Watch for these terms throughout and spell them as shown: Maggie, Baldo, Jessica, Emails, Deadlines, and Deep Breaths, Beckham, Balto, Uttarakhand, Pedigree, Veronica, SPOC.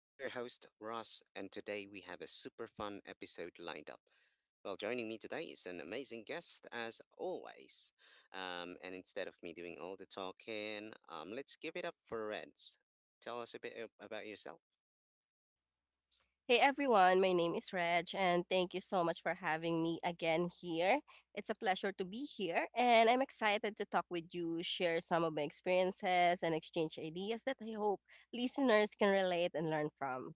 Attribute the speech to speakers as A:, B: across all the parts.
A: I'm your host, Ross, and today we have a super fun episode lined up. Well, joining me today is an amazing guest, as always. And instead of me doing all the talking, let's give it up for Reds. Tell us a bit about yourself.
B: Hey everyone, my name is Reg, and thank you so much for having me again here. It's a pleasure to be here, and I'm excited to talk with you, share some of my experiences, and exchange ideas that I hope listeners can relate and learn from.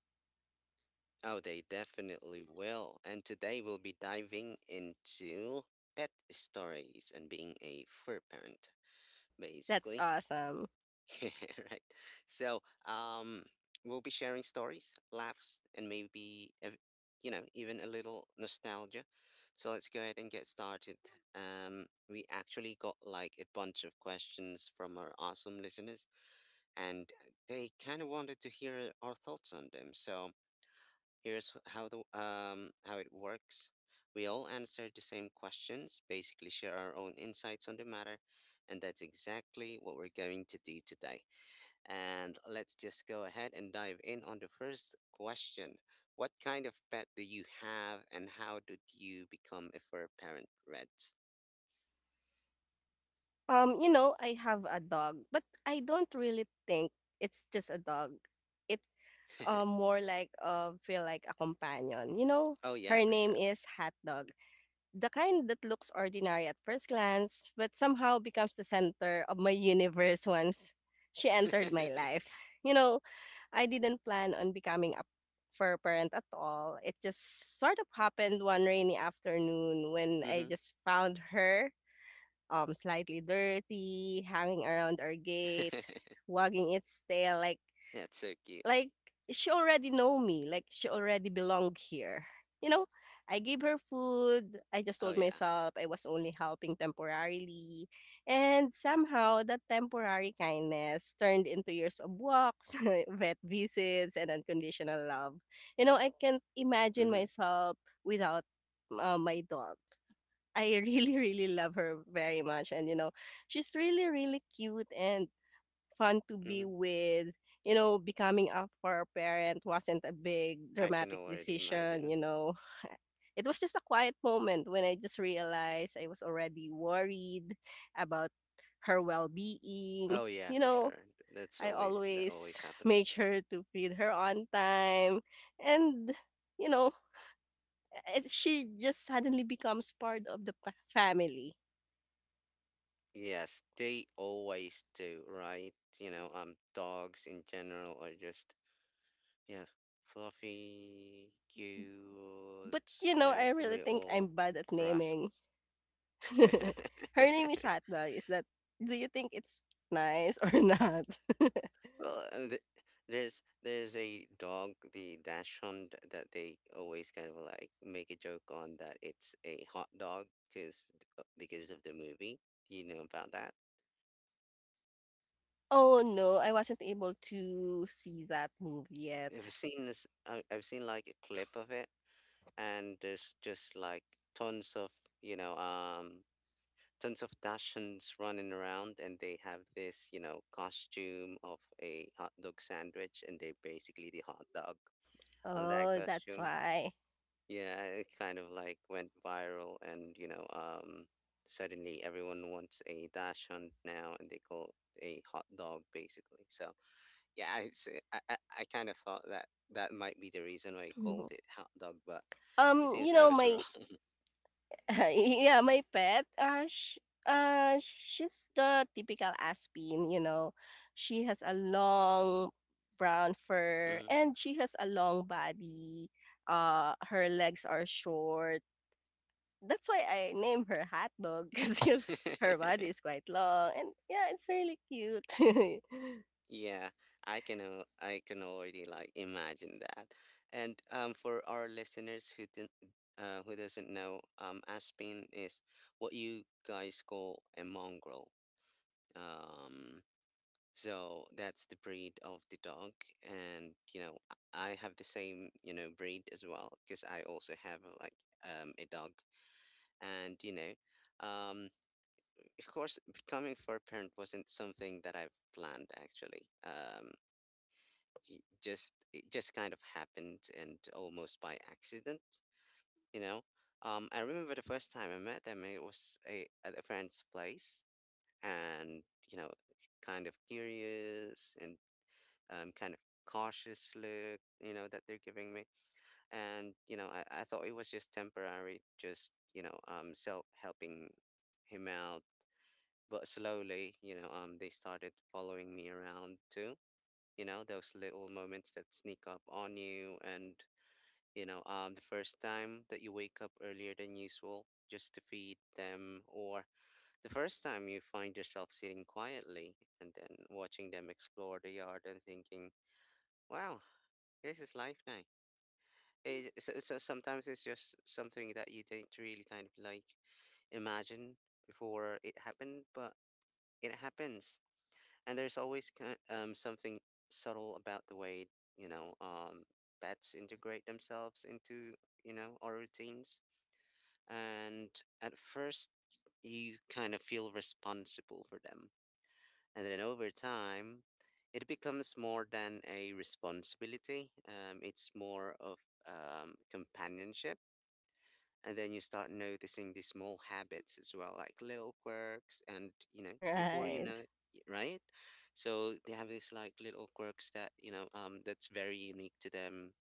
A: Oh, they definitely will. And today we'll be diving into pet stories and being a fur parent.
B: That's
A: Basically.
B: awesome.
A: Yeah, right. So, um, we'll be sharing stories, laughs, and maybe, even a little nostalgia. So let's go ahead and get started. We actually got like a bunch of questions from our awesome listeners, and they kind of wanted to hear our thoughts on them. So here's how it works. We all answer the same questions, basically share our own insights on the matter, and that's exactly what we're going to do today. And let's just go ahead and dive in on the first question. What kind of pet do you have and how did you become a fur parent, Red?
B: You know, I have a dog, but I don't really think it's just a dog. It more like feel like a companion. You know,
A: Oh yeah,
B: her
A: for
B: name
A: sure.
B: is Hot Dog. The kind that looks ordinary at first glance, but somehow becomes the center of my universe once she entered my life. You know, I didn't plan on becoming a fur parent at all. It just sort of happened one rainy afternoon when I
A: Mhm.
B: just found her slightly dirty, hanging around our gate, wagging its tail like
A: That's so cute.
B: like, she already know me, like she already belong here. You know, I gave her food. I just
A: Oh
B: told
A: yeah.
B: myself I was only helping temporarily. And somehow that temporary kindness turned into years of walks, vet visits, and unconditional love. You know, I can't imagine
A: Mhm.
B: myself without my dog. I really, really love her very much. And, you know, she's really, really cute and fun to be
A: Mhm.
B: with. You know, becoming up for a parent wasn't a big
A: I can
B: dramatic
A: already
B: decision, you
A: imagine.
B: know. It was just a quiet moment when I just realized I was already worried about her well-being.
A: Oh yeah,
B: You
A: for
B: know,
A: sure. That's
B: I
A: always, that
B: always
A: always
B: make
A: happens.
B: sure to feed her on time and you know, it, she just suddenly becomes part of the family.
A: Yes, they always do, right? Dogs in general are just, yeah, fluffy, cute,
B: But you know, I really think
A: little
B: I'm bad at naming.
A: rascals.
B: Her name is Hotdog. Is that, do you think it's nice or not?
A: Well, th there's a dog, the dachshund, that they always kind of like make a joke on that it's a hot dog because because of the movie. Do you know about that?
B: Oh, no, I wasn't able to see that movie yet.
A: I've seen this. I've seen like a clip of it, and there's just like tons of you know um tons of Dachshunds running around, and they have this, costume of a hot dog sandwich, and they're basically the hot dog on that
B: Oh, that's
A: costume.
B: why.
A: Yeah, it kind of like went viral, and suddenly everyone wants a Dachshund now, and they call it a hot dog basically. So yeah, it's, I kind of thought that that might be the reason why I called it hot dog, but it
B: You
A: seems I
B: know,
A: was
B: my
A: wrong.
B: yeah, my pet, sh she's the typical Aspin, you know. She has a long brown fur
A: Mm-hmm.
B: and she has a long body. Her legs are short. That's why I name her Hot Dog because her body is quite long and yeah, it's really cute.
A: Yeah, I can I can already like imagine that. And for our listeners who didn't, who doesn't know, Aspen is what you guys call a mongrel. Um, so that's the breed of the dog, and I have the same, breed as well, because I also have, a dog, and you know. Um, of course, becoming for a parent wasn't something that I've planned actually. Just, it just kind of happened and almost by accident. you know I remember the first time I met them, it was a at a friend's place, and you know kind of curious and kind of cautious look, that they're giving me. And I thought it was just temporary, just self helping him out. But slowly, they started following me around too. You know, those little moments that sneak up on you, and the first time that you wake up earlier than usual just to feed them, or the first time you find yourself sitting quietly and then watching them explore the yard and thinking, wow, this is life now. So sometimes it's just something that you don't really kind of like imagine before it happened, but it happens. And there's always something subtle about the way, you know, um, pets integrate themselves into, our routines. And at first, you kind of feel responsible for them. And then over time, it becomes more than a responsibility. It's more of companionship. And then you start noticing the small habits as well, like little quirks. And, you know, before you
B: Right.
A: know it, right? So they have these like little quirks that, that's very unique to them,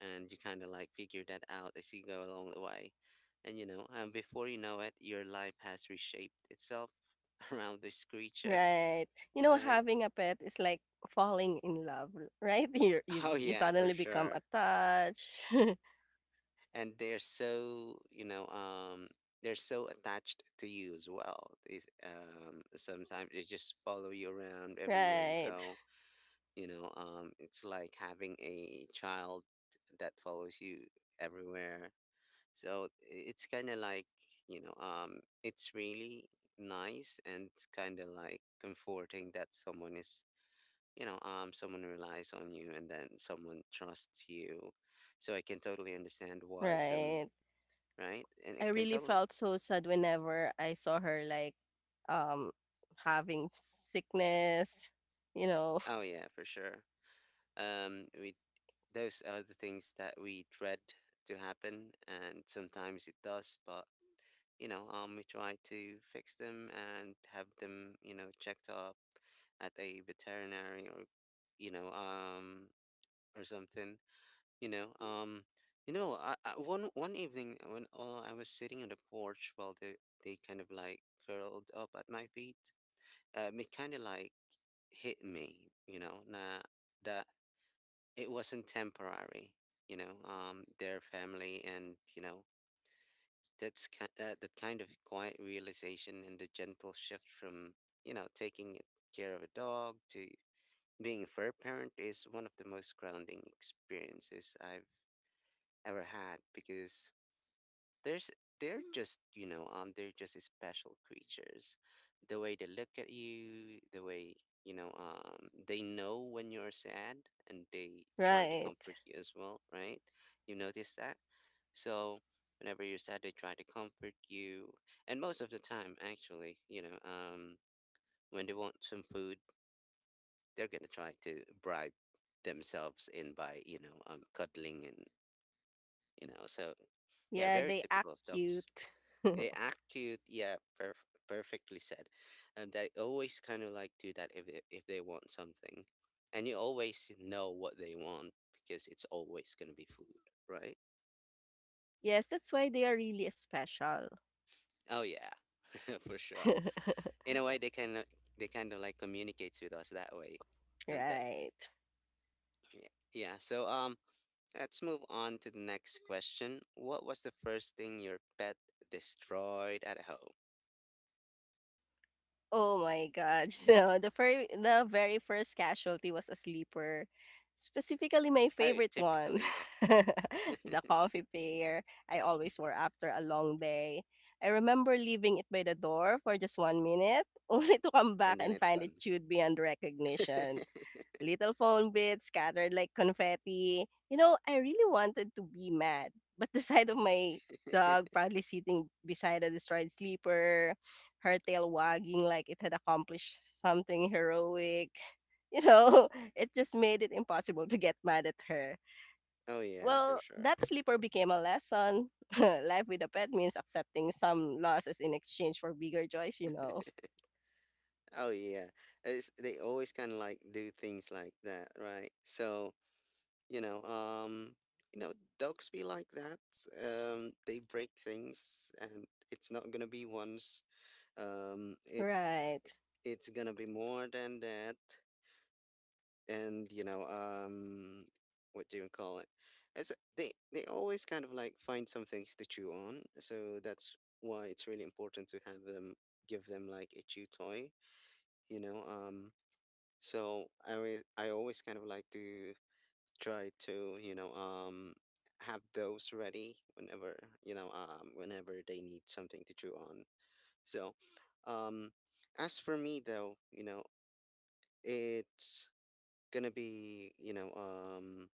A: and you kind of like figure that out as you go along the way. And before you know it, your life has reshaped itself around this creature,
B: Right. You know,
A: right?
B: having a pet is like falling in love, right?
A: Oh
B: You
A: yeah, for
B: suddenly become
A: sure.
B: attached.
A: And they're so, they're so attached to you as well. These, sometimes they just follow you around everywhere you
B: Right.
A: go. It's like having a child that follows you everywhere. So it's kind of like, it's really nice and kind of like comforting that someone is, someone relies on you and then someone trusts you. So I can totally understand why some,
B: Right.
A: right? And
B: I
A: it can
B: really
A: totally,
B: felt so sad whenever I saw her like um having sickness, you know.
A: oh yeah, for sure. Um, we, those are the things that we dread to happen, and sometimes it does, but we try to fix them and have them, you know, checked up at a veterinary, or you know, um, or something, you know, um, you know, one one evening when, I was sitting on the porch while they kind of like curled up at my feet, it kind of like hit me, you know, nah, that it wasn't temporary, their family. And you know, that's that kind of quiet realization and the gentle shift from, you know, taking care of a dog to being a fur parent is one of the most grounding experiences I've ever had, because there's, they're just they're just special creatures. The way they look at you, the way they know when you're sad, and they try to
B: Right.
A: comfort you as well, right? You notice that. So whenever you're sad, they try to comfort you. And most of the time actually, when they want some food, they're gonna try to bribe themselves in by cuddling and you know. So yeah,
B: Yeah,
A: very
B: they act
A: typical of dogs.
B: cute.
A: They act cute, yeah, perfectly said. And they always kind of like do that if they want something, and you always know what they want, because it's always gonna be food, right?
B: Yes, that's why they are really special.
A: Oh yeah, for sure. In a way, they kind of, they kind of like communicates with us that way, don't they?
B: Right.
A: Yeah. Yeah. Let's move on to the next question. What was the first thing your pet destroyed at home?
B: Oh my God. You know, the very first casualty was a sleeper. Specifically my
A: Oh,
B: favorite one.
A: typically, yeah.
B: The coffee pair I always wore after a long day. I remember leaving it by the door for just 1 minute, only to come back
A: And then
B: and
A: it's
B: find it
A: gone.
B: chewed beyond recognition. Little phone bits scattered like confetti. You know, I really wanted to be mad, but the sight of my dog proudly sitting beside a destroyed sleeper, her tail wagging like it had accomplished something heroic, you know, it just made it impossible to get mad at her.
A: Oh yeah, for
B: Well,
A: sure.
B: that sleeper became a lesson. Life with a pet means accepting some losses in exchange for bigger joys, you know.
A: Oh yeah, it's, they always kind of like do things like that, right? So you know, um, you know, dogs be like that. They break things, and it's not gonna be once. Um, it's
B: Right,
A: it's gonna be more than that, and what do you call it? It's, they always kind of like find some things to chew on, so that's why it's really important to have them, give them like a chew toy, you know. So I always kind of like to try to, have those ready whenever, whenever they need something to chew on. So, um, as for me though, you know, it's gonna be,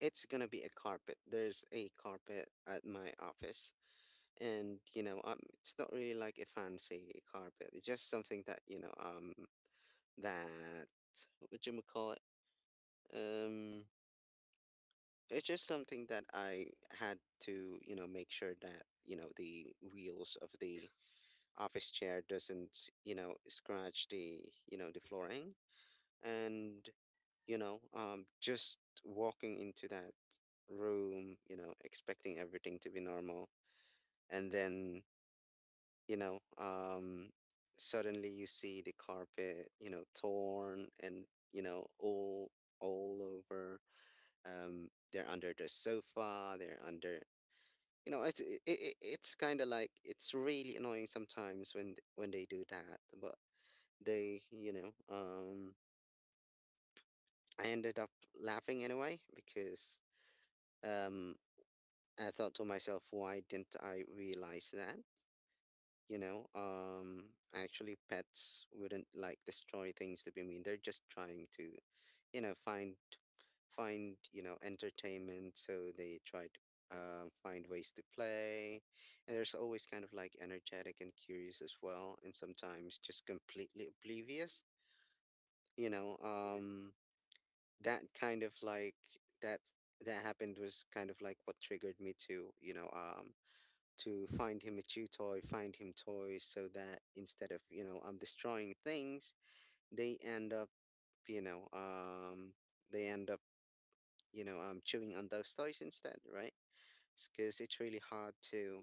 A: it's gonna be a carpet. There's a carpet at my office, and it's not really like a fancy carpet. It's just something that, that, what do you call it? Um. It's just something that I had to, you know, make sure that, you know, the wheels of the office chair doesn't, you know, scratch the, you know, the flooring. And, just walking into that room, you know, expecting everything to be normal. And then, you know, um, suddenly you see the carpet, you know, torn, and, you know, all over. They're under the sofa, they're under, you know, it's, it's kind of like, it's really annoying sometimes when when they do that. But they, I ended up laughing anyway, because um I thought to myself, why didn't I realize that, actually pets wouldn't like destroy things to be mean, they're just trying to, you know, find, you know, entertainment. So they try to, find ways to play, and there's always kind of like energetic and curious as well, and sometimes just completely oblivious, you know um that kind of like, that that happened, was kind of like what triggered me to, to find him a chew toy, find him toys, so that instead of, you know, I'm destroying things, they end up you know they end up, you know, um, chewing on those toys instead, right? Because it's really hard to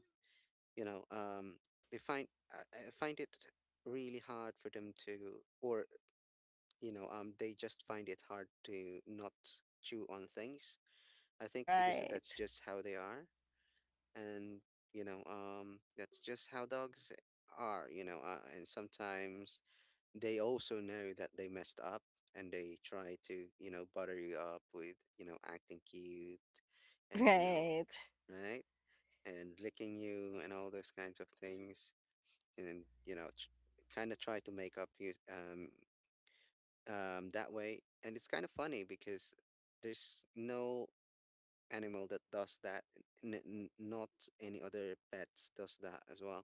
A: you know um they find I, I find it really hard for them to. Or they just find it hard to not chew on things. I think because
B: right,
A: that's just how they are. And that's just how dogs are, and sometimes they also know that they messed up, and they try to, you know, butter you up with, you know, acting cute and you know,
B: right.
A: right, and licking you and all those kinds of things, and kind of try to make up you that way. And it's kind of funny because there's no animal that does that. Not any other pets does that as well,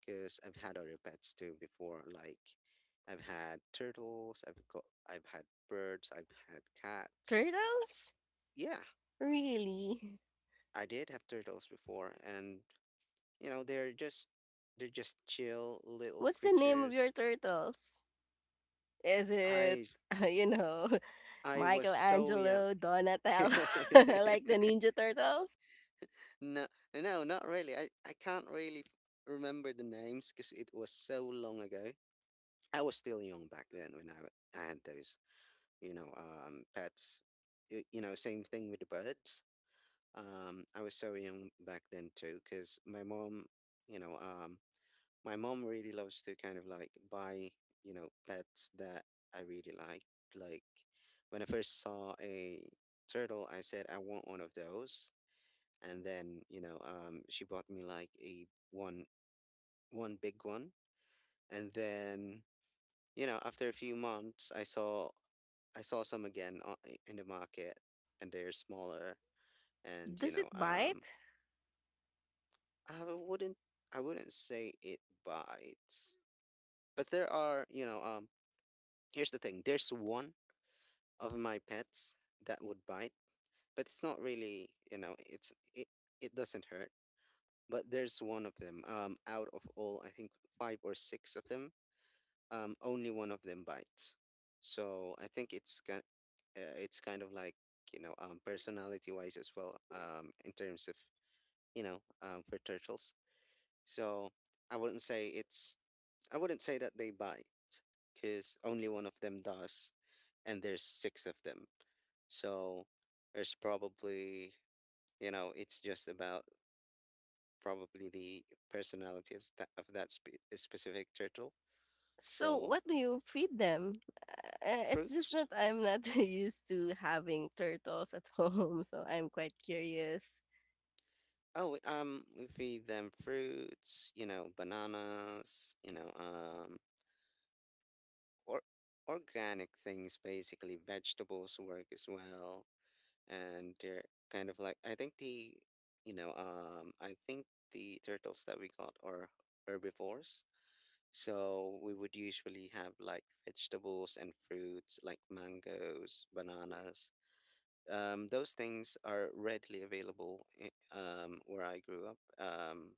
A: because I've had other pets too before. Like I've had turtles, I've had birds, I've had cats.
B: Turtles?
A: Yeah,
B: Really?
A: I did have turtles before, and you know they're just chill little
B: What's the name of your
A: creatures.
B: turtles? Is it,
A: I
B: you know,
A: I was so young.
B: Michelangelo, Donatello, like the Ninja Turtles?
A: No, no, not really. I can't really remember the names because it was so long ago. I was still young back then when I had those, pets. You know, same thing with the birds. I was so young back then too, because my mom, you know, um, my mom really loves to kind of like buy, you know, pets that I really like. Like when I first saw a turtle, I said I want one of those, and then, she bought me like a one big one, and then you know, after a few months, I saw some again in the market, and they're smaller. And, you
B: Does it
A: know,
B: bite?
A: I wouldn't I wouldn't say it bites, but there are, you know, here's the thing. There's one of my pets that would bite, but it's not really, you know, it's it doesn't hurt. But there's one of them. Out of all, I think five or six of them, only one of them bites. So I think it's it's kind of like, you know, personality-wise as well, in terms of, you know, for turtles. So I wouldn't I wouldn't say that they bite, because only one of them does, and there's six of them. So there's probably, you know, it's just about probably the personality of that specific turtle.
B: So
A: So
B: what do you feed them? It's just
A: fruits.
B: that I'm not used to having turtles at home, so I'm quite curious.
A: Oh, we feed them fruits, you know, bananas, you know, or organic things, basically vegetables work as well, and they're kind of like I think the, you know, I think the turtles that we got are herbivores, so we would usually have like vegetables and fruits, like mangoes, bananas. Those things are readily available, um, where I grew up.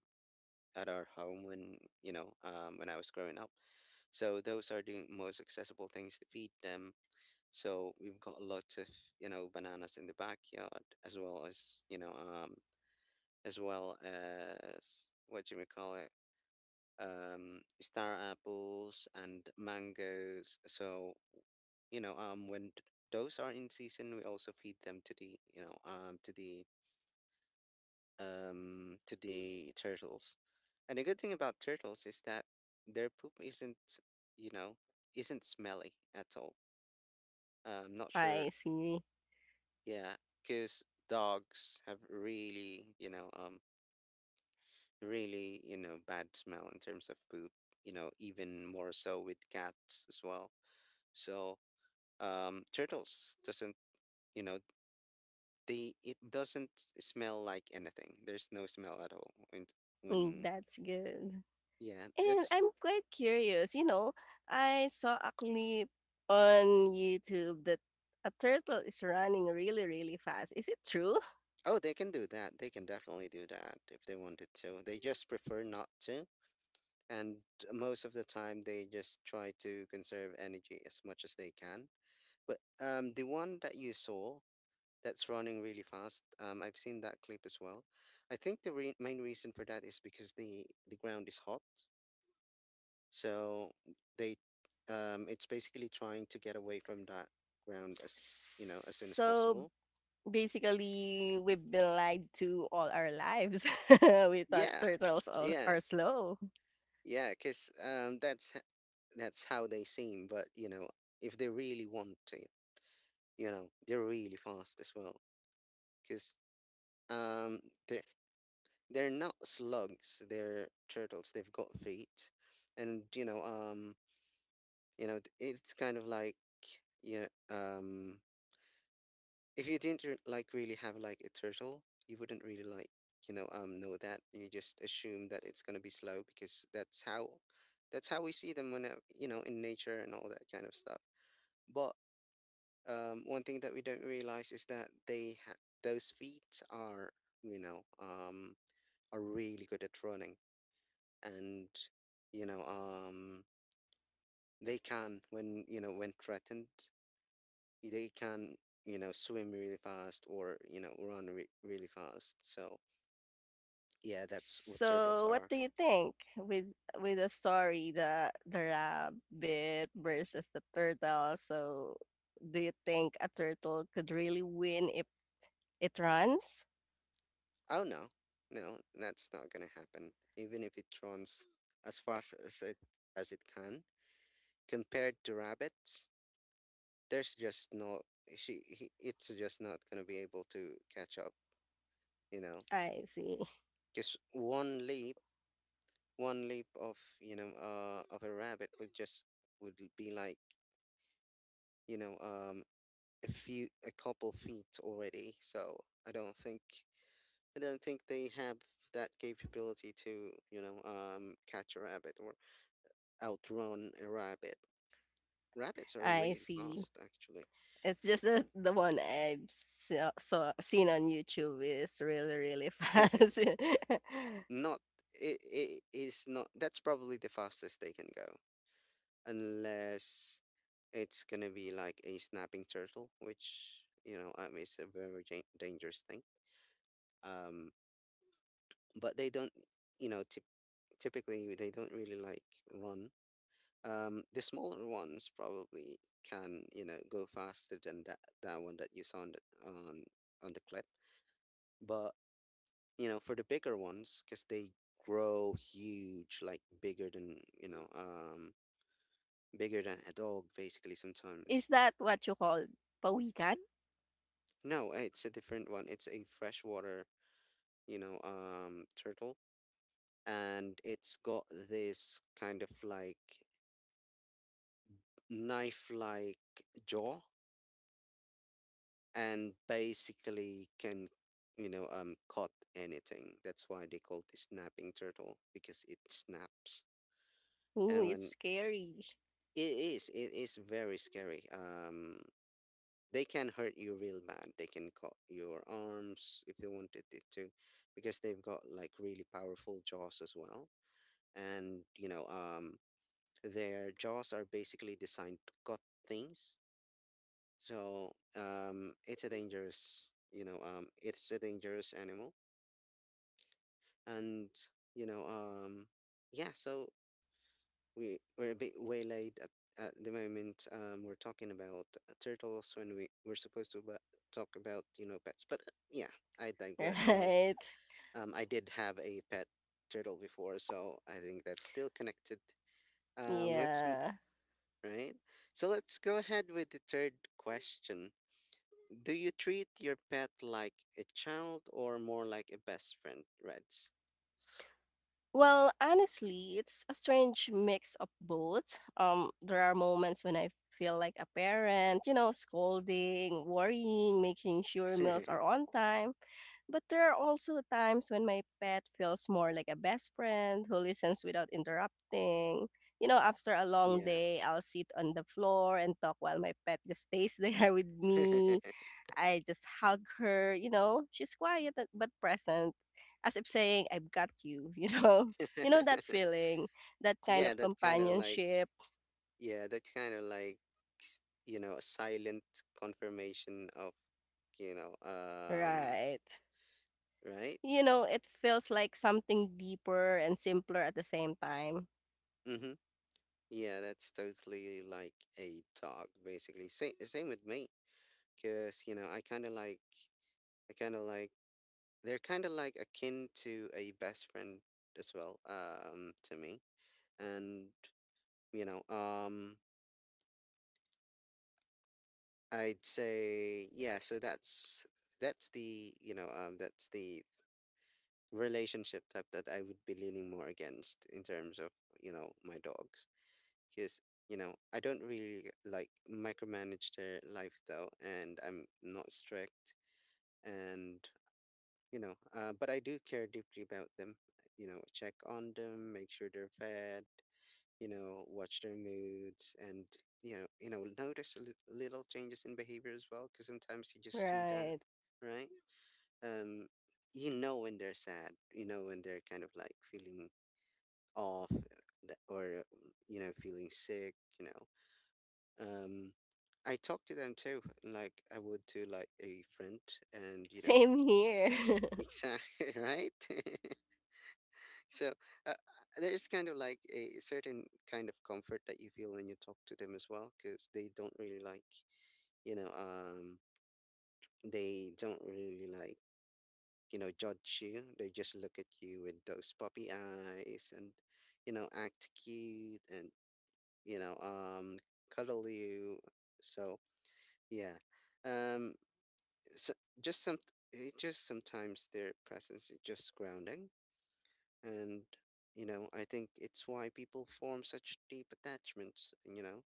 A: At our home when, you know, when I was growing up. So those are the most accessible things to feed them. So we've got a lot of, you know, bananas in the backyard as well as, you know, as well as what do we call it, star apples and mangoes. So, you know, when those are in season, we also feed them to the, you know, to the, to the turtles. And the good thing about turtles is that their poop isn't, you know, isn't smelly at all. I'm not sure,
B: I see.
A: yeah, because dogs have really, you know, bad smell in terms of poop. You know, even more so with cats as well. So, turtles doesn't, you know, they it doesn't smell like anything. There's no smell at all. And
B: Mm,
A: when
B: that's good.
A: yeah,
B: And
A: that's
B: I'm quite curious, you know, I saw a clip on YouTube that a turtle is running really, really fast. Is it true?
A: oh, they can do that. They can definitely do that if they wanted to. They just prefer not to. And most of the time, they just try to conserve energy as much as they can. But, the one that you saw that's running really fast, I've seen that clip as well. I think the re main reason for that is because the ground is hot, so they it's basically trying to get away from that ground as, you know, as soon as
B: So
A: possible.
B: basically, we've been lied to all our lives. We thought
A: Yeah,
B: turtles
A: yeah.
B: are slow.
A: Yeah, cause, um, that's how they seem. But you know, if they really want to, you know, they're really fast as well, cause, um, they're they're not slugs. They're turtles. They've got feet, and you know, it's kind of like, you know, if you didn't like really have like a turtle, you wouldn't really like, you know, um, know that. You just assume that it's gonna be slow because that's how we see them when, you know, in nature and all that kind of stuff. But, one thing that we don't realize is that those feet are, you know, um, are really good at running, and you know, um, they can, when, you know, when threatened, they can, you know, swim really fast or, you know, run really fast. So yeah, that's what turtles
B: So what
A: are.
B: do you think with the story, the rabbit versus the turtle? So do you think a turtle could really win if it runs?
A: Oh no, no, that's not gonna happen. Even if it runs as fast as it can, compared to rabbits, there's just no she. He, it's just not gonna be able to catch up. You know,
B: I see.
A: just one leap of, you know, uh, of a rabbit would just would be like, you know, um, a few a couple feet already. So I don't think. I don't think they have that capability to, you know, catch a rabbit or outrun a rabbit. Rabbits are
B: I
A: really
B: see.
A: fast, actually.
B: It's just that the one I've saw, saw seen on YouTube is really, really fast.
A: Not it is not. That's probably the fastest they can go, unless it's gonna be like a snapping turtle, which, you know, is a very dangerous thing. Um, but they don't, you know, typically they don't really like run. The smaller ones probably can, you know, go faster than that one that you saw on on the clip. But you know, for the bigger ones, because they grow huge, like bigger than, you know, bigger than a dog, basically. Sometimes
B: Is that what you call pawikan?
A: no, it's a different one. It's a freshwater, you know, turtle, and it's got this kind of like knife-like jaw and basically can, you know, um, cut anything. That's why they call it snapping turtle, because it snaps.
B: Ooh,
A: and
B: it's
A: when
B: scary,
A: it is it is very scary. Um, they can hurt you real bad. They can cut your arms if they wanted it to, because they've got like really powerful jaws as well, and you know, um, their jaws are basically designed to cut things. So, um, it's a dangerous, you know, um, it's a dangerous animal. And, you know, um, yeah, so we're a bit waylaid at the moment. Um, we're talking about, turtles when we're supposed to talk about, you know, pets. But, yeah, I digress. Well,
B: right?
A: um, I did have a pet turtle before, so I think that's still connected. Um,
B: Yeah.
A: right, so let's go ahead with the third question. Do you treat your pet like a child or more like a best friend, reds?
B: Well, honestly, it's a strange mix of both. There are moments when I feel like a parent, you know, scolding, worrying, making sure meals are on time. But there are also times when my pet feels more like a best friend who listens without interrupting. You know, after a long
A: Yeah.
B: day, I'll sit on the floor and talk while my pet just stays there with me. I just hug her, you know. She's quiet but present, as if saying, I've got you, you know. You know that feeling, that kind of
A: Yeah, that kind of like,
B: companionship,
A: yeah, that kind of like, s- you know, a silent confirmation of, you know,
B: right?
A: right?
B: You know, it feels like something deeper and simpler at the same time.
A: Mm-hmm. Yeah, that's totally like a dog, basically. Same, same with me, because you know, I kind of like, they're kind of like akin to a best friend as well, to me, and you know, I'd say, yeah. So that's the, you know, that's the relationship type that I would be leaning more against in terms of, you know, my dogs. Because, you know, I don't really like micromanage their life though, and I'm not strict. And, you know, but I do care deeply about them. You know, check on them, make sure they're fed, you know, watch their moods and, you know, notice little changes in behavior as well, because sometimes you just see that,
B: Right.
A: right? Um, you know when they're sad, you know, when they're kind of like feeling off, th- or you know, feeling sick, you know, um, I talk to them too, like I would to like a friend, and you know,
B: Same here.
A: exactly, right. So, uh, there's kind of like a certain kind of comfort that you feel when you talk to them as well, because they don't really like, you know, um, they don't really like, you know, judge you. They just look at you with those puppy eyes and, you know, act cute and, you know, cuddle you. So, yeah. Um, so just some, it just sometimes their presence is just grounding. And, you know, I think it's why people form such deep attachments, you know.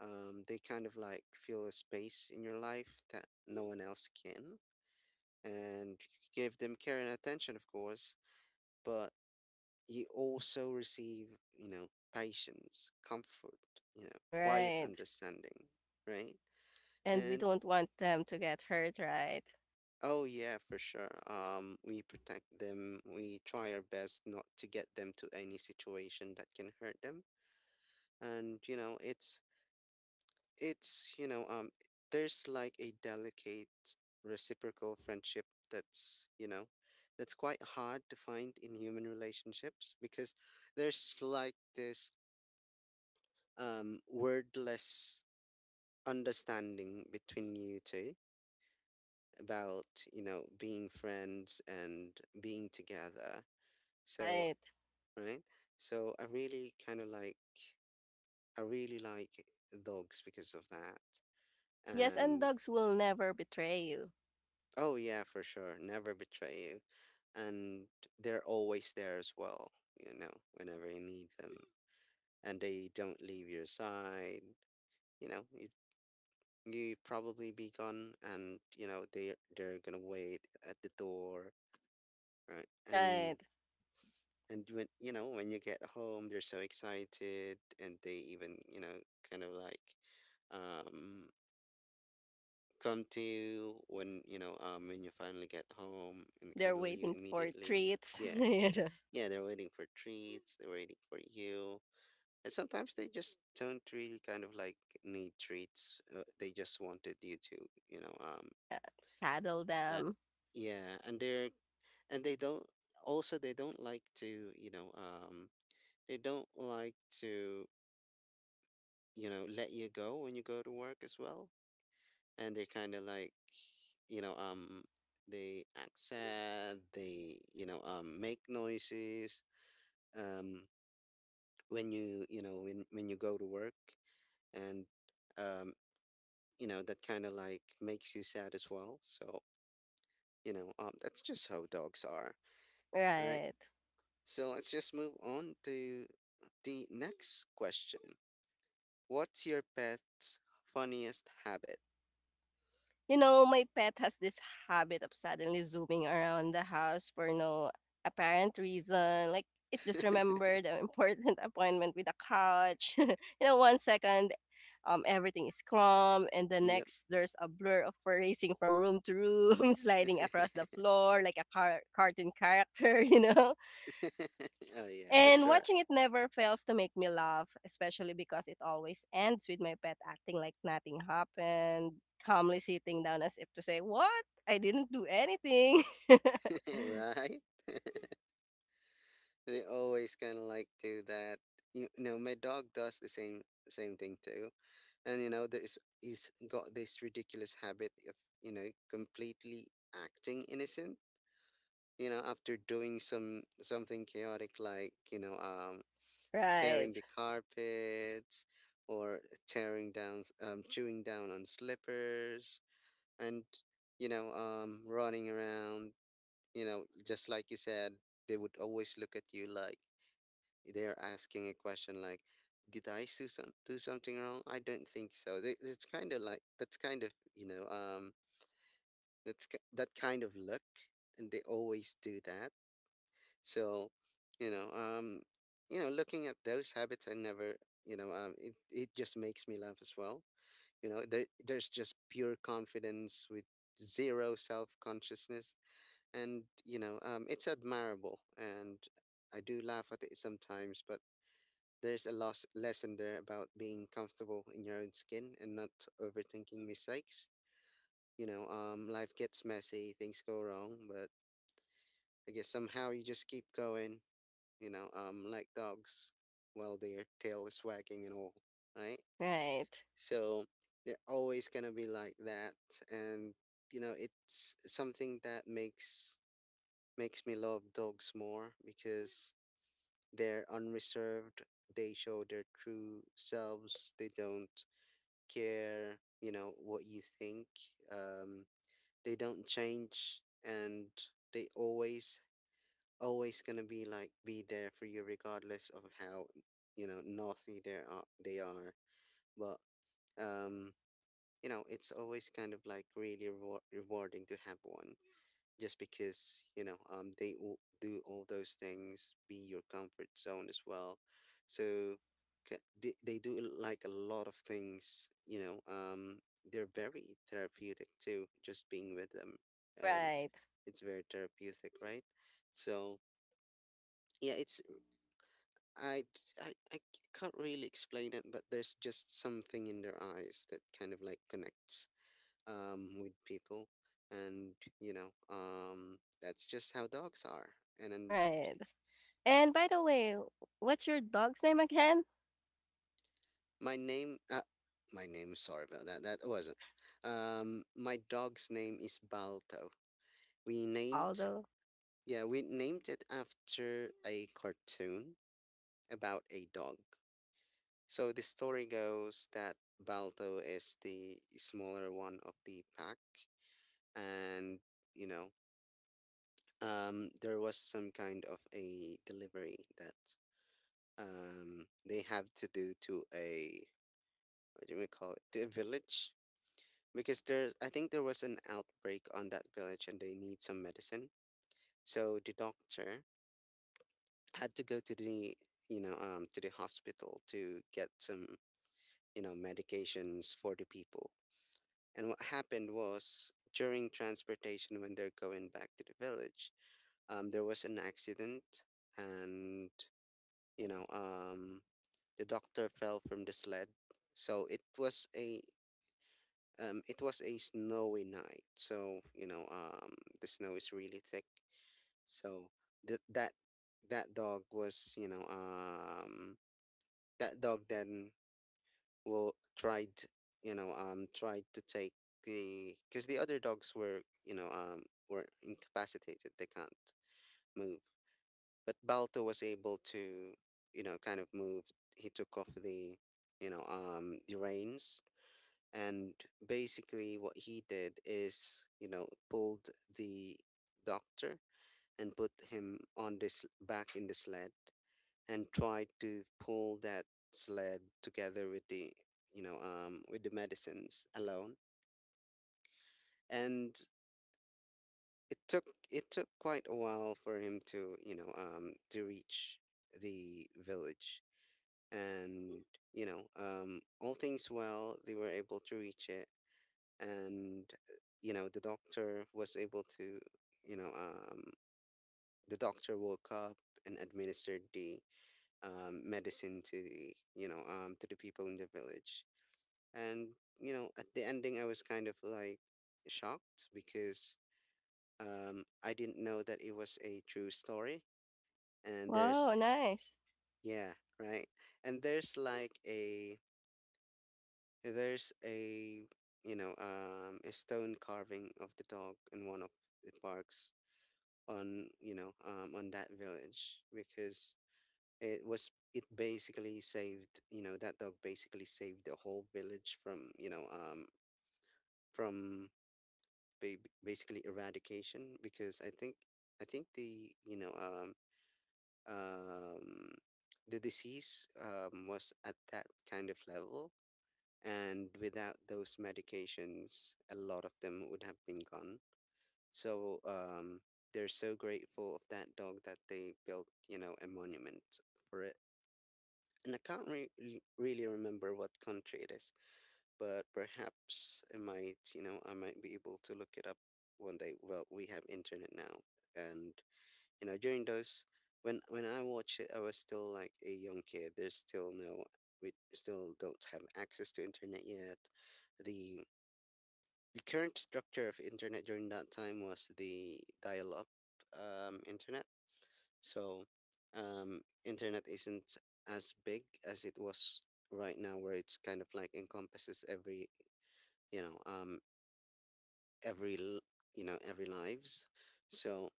A: They kind of like feel a space in your life that no one else can, and give them care and attention, of course. But you also receive, patience, comfort, quiet
B: Right.
A: understanding, right?
B: And we
A: And
B: don't want them to get hurt, right?
A: oh yeah, for sure. We protect them. We try our best not to get them to any situation that can hurt them. And it's you know, um, there's like a delicate reciprocal friendship that's you know, that's quite hard to find in human relationships, because there's like this wordless understanding between you two about being friends and being together. So,
B: Right.
A: right. So, I really like dogs because of that.
B: Yes, and
A: And
B: dogs will never betray you.
A: oh yeah, for sure, never betray you. And they're always there as well, whenever you need them. And they don't leave your side. You you probably be gone, and they're gonna wait at the door. Right. And
B: Right.
A: and when you get home, they're so excited, and they even, kind of like um come to you when you finally get home and
B: They're
A: cuddle you
B: waiting for
A: immediately.
B: treats.
A: Yeah.
B: You know.
A: Yeah, they're waiting for treats, they're waiting for you. And sometimes they just don't really kind of like need treats. They just wanted you to, you know, um
B: Yeah. Cuddle
A: uh,
B: them.
A: yeah, and they're and they don't also they don't like to, they don't like to let you go when you go to work as well. And they're kind of like, you know um they act sad, they make noises, um when you go to work. And um that kind of like makes you sad as well. So, that's just how dogs are. All right,
B: Right.
A: so let's just move on to the next question. What's your pet's funniest habit?
B: You know, my pet has this habit of suddenly zooming around the house for no apparent reason. Like, it just remembered an important appointment with a couch. You know, one second, everything is calm, and the
A: Yep.
B: next, there's a blur of her racing from room to room, sliding across the floor like a cartoon character, you know?
A: Oh yeah, for
B: And
A: sure.
B: watching it never fails to make me laugh, especially because it always ends with my pet acting like nothing happened, calmly sitting down as if to say, What? I didn't do anything.
A: Right? They always kind of like do that. You know, my dog does the same thing too. And you know, there's he's got this ridiculous habit of, completely acting innocent, after doing something chaotic, like,
B: right,
A: tearing the carpets, or chewing down on slippers. And running around, just like you said, they would always look at you like they're asking a question, like, "Did I do something wrong? I don't think so." It's kind of like that's kind of that kind of look, and they always do that. So, you know, um, looking at those habits, I never, you know, it just makes me laugh as well. There's just pure confidence with zero self consciousness, and it's admirable. And I do laugh at it sometimes, but there's a loss lesson there about being comfortable in your own skin and not overthinking mistakes. Life gets messy, things go wrong, but I guess somehow you just keep going, like dogs, while their tail is wagging and all. Right.
B: right,
A: So they're always gonna be like that. And you know, it's something that makes me love dogs more, because they're unreserved. They show their true selves. They don't care, what you think. Um, they don't change, and they always, always gonna be there for you regardless of how, naughty they are. They are. But, um, it's always kind of like really rewarding to have one, just because they all do all those things, be your comfort zone as well. So they do like a lot of things. They're very therapeutic too, just being with them. um
B: right,
A: it's very therapeutic, right? So yeah, it's, I can't really explain it, but there's just something in their eyes that kind of like connects, with people. And that's just how dogs are. And then
B: right. And by the way, what's your dog's name again?
A: my name, uh, my name, sorry about that, that wasn't. My dog's name is Balto. We named,
B: Baldo.
A: yeah, we named it after a cartoon about a dog. So the story goes that Balto is the smaller one of the pack, and you know, there was some kind of a delivery that they have to do to a, what do we call it to a village, because there's I think there was an outbreak on that village, and they need some medicine. So the doctor had to go to the, to the hospital to get some medications for the people. And what happened was, during transportation when they're going back to the village, there was an accident. And you know um the doctor fell from the sled. So it was a snowy night. So, the snow is really thick. So th- that that dog was, that dog then will tried, tried to take the, because the other dogs were, were incapacitated. They can't move. But Balto was able to, kind of move. He took off the, the reins. And basically, what he did is, pulled the doctor and put him on this back in the sled, and tried to pull that sled together with the, with the medicines alone. And it took it took quite a while for him to, to reach the village. And all things well, they were able to reach it. And the doctor was able to, you know um the doctor woke up and administered the, medicine to the, to the people in the village. And at the ending I was kind of like shocked, because I didn't know that it was a true story. And there's,
B: Wow, nice.
A: yeah. Right. And there's like a there's a you know a stone carving of the dog in one of the parks on, on that village, because it was it basically saved you know that dog basically saved the whole village from, from basically eradication, because I think the, um the disease was at that kind of level. And without those medications, a lot of them would have been gone. So they're so grateful of that dog that they built, a monument for it. And I can't really remember what country it is, but perhaps I might be able to look it up one day. Well, we have internet now, and you know, during those when I watched it, I was still like a young kid. There's still no, we still don't have access to internet yet. The the current structure of internet during that time was the dial-up, internet. So internet isn't as big as it was right now, where it's kind of like encompasses every, you know um, every l- every lives. So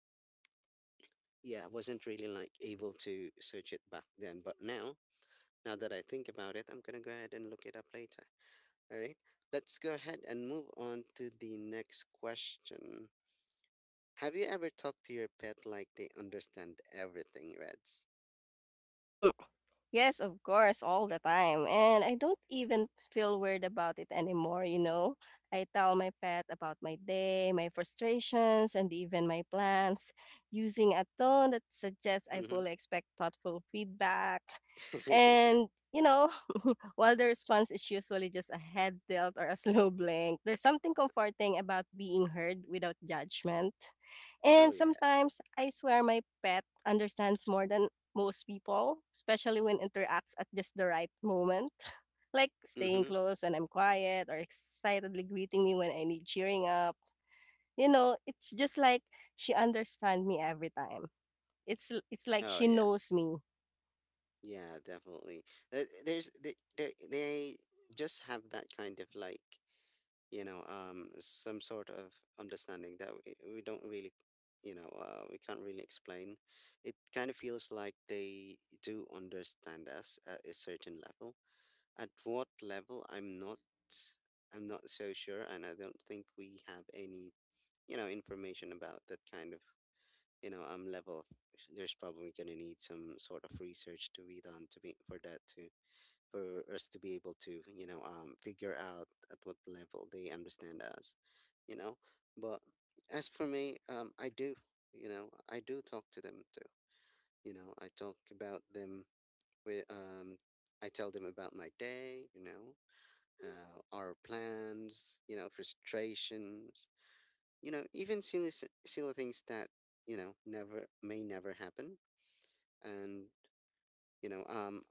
A: yeah, I wasn't really like able to search it back then, but now that I think about it, I'm gonna go ahead and look it up later. All right, let's go ahead and move on to the next question. Have you ever talked to your pet like they understand everything, Reds?
B: Hmm, yes, of course, all the time. And I don't even feel weird about it anymore, you know? I tell my pet about my day, my frustrations, and even my plans using a tone that suggests I
A: Mm-hmm.
B: fully expect thoughtful feedback. And, you know, while the response is usually just a head tilt or a slow blink, there's something comforting about being heard without judgment.
A: Oh
B: And
A: yeah.
B: sometimes I swear my pet understands more than most people, especially when interacts at just the right moment. Like staying
A: Mm-hmm.
B: close when I'm quiet or excitedly greeting me when I need cheering up. You know, it's just like she understands me every time. It's like
A: Oh
B: she
A: yeah.
B: knows me,
A: Yeah, definitely. Th- There's they just have that kind of like, some sort of understanding that we don't really, we can't really explain. It kind of feels like they do understand us at a certain level. At what level, I'm not so sure. And I don't think we have any, information about that kind of, level of, there's probably going to need some sort of research to be done, to be for us to be able to, figure out at what level they understand us, you know but as for me, I do talk to them too. I talk about them with, I tell them about my day, our plans, frustrations, even silly things that never may never happen. And you know um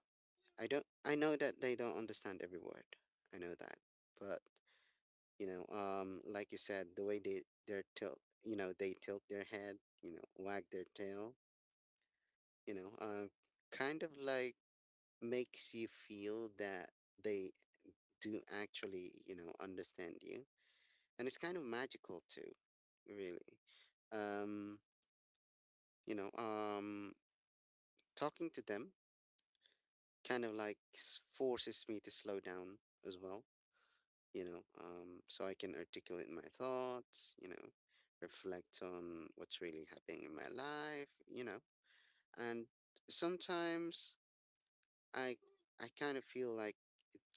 A: I know that they don't understand every word. I know that. But like you said, the way they tilt their head, wag their tail, you know, uh, kind of like makes you feel that they do actually, understand you. And it's kind of magical too, really. Um, you know, um Talking to them kind of like forces me to slow down as well, so I can articulate my thoughts, reflect on what's really happening in my life. And sometimes I I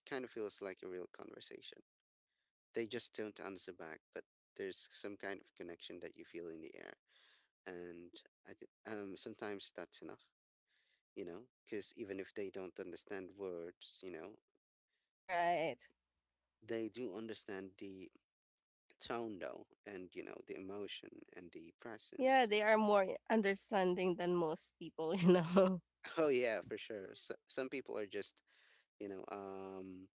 A: kind of feels like a real conversation. They just don't answer back, but there's some kind of connection that you feel in the air. And I think, sometimes that's enough, because even if they don't understand words,
B: right?
A: they do understand the tone though, and the emotion and the
B: Yeah,
A: presence.
B: they are more understanding than most people, you know.
A: Oh yeah, for sure. So, some people you know um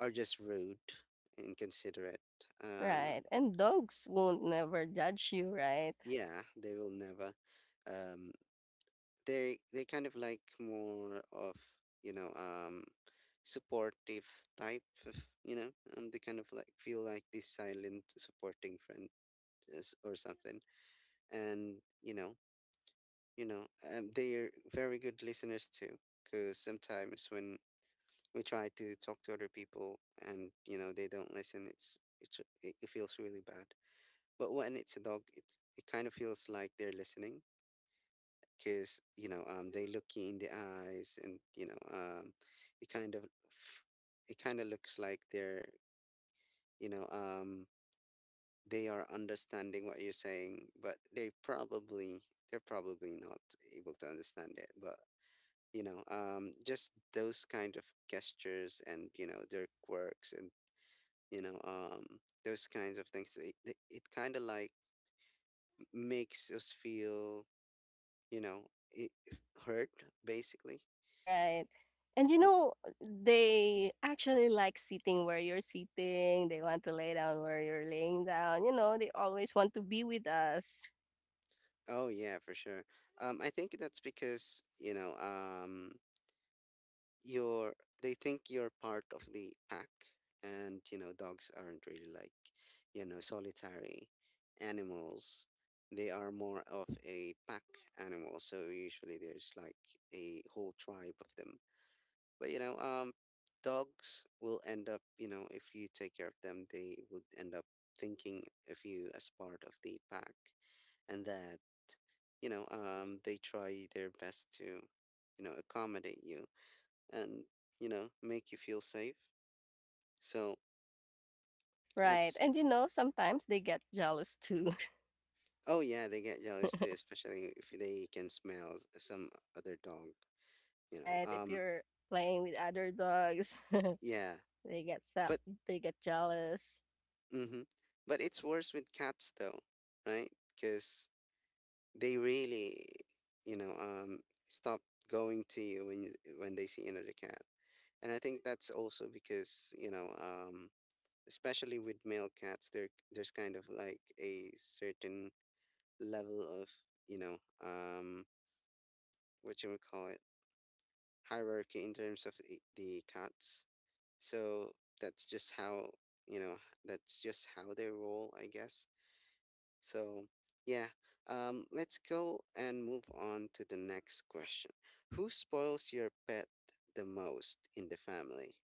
A: are just rude, inconsiderate. um
B: Right. And dogs won't never judge you, right?
A: yeah, they will never. um they kind of like more of, you know um supportive, type of, they kind of like feel like this silent supporting friend, or something. And you know they're very good listeners too, because sometimes when we try to talk to other people and, they don't listen, it feels really bad. But when it's a dog, it kind of feels like they're listening, because, they look you in the eyes, and, it kind of f- it kind of looks like they're, you know um they are understanding what you're saying. But they're probably not able to understand it. But, just those kind of gestures, and, their quirks, and, you know um those kinds of things, kind of like makes us feel, it hurt basically.
B: Right. And you
A: L-
B: know, they actually like sitting where you're sitting. They want to lay down where you're laying down. You know, they always want to be with us.
A: oh yeah, for sure. I think that's because, you're — they think you're part of the pack. And, dogs aren't really like, solitary animals. They are more of a pack animal, so usually there's like a whole tribe of them. But, dogs will end up, if you take care of them, they would end up thinking of you as part of the pack. And that, they try their best to, accommodate you and, make you feel safe, so.
B: Right.
A: That's
B: And you know, sometimes they get jealous too,
A: Oh yeah, they get jealous too, especially if they can smell some other dog. you
B: right?
A: know
B: If
A: um
B: you're playing with other dogs,
A: yeah,
B: they get
A: but,
B: they get jealous.
A: mm-hmm. But it's worse with cats though, right? Because they really, you know um stop going to you when they see another cat. And I think that's also because, especially with male cats, there's kind of like a certain level of, you know um what you would call it, hierarchy in terms of the cats, so. that's just how you know that's just how they roll, I guess. So, yeah. Let's go and move on to the next question: who spoils your pet the most in the family?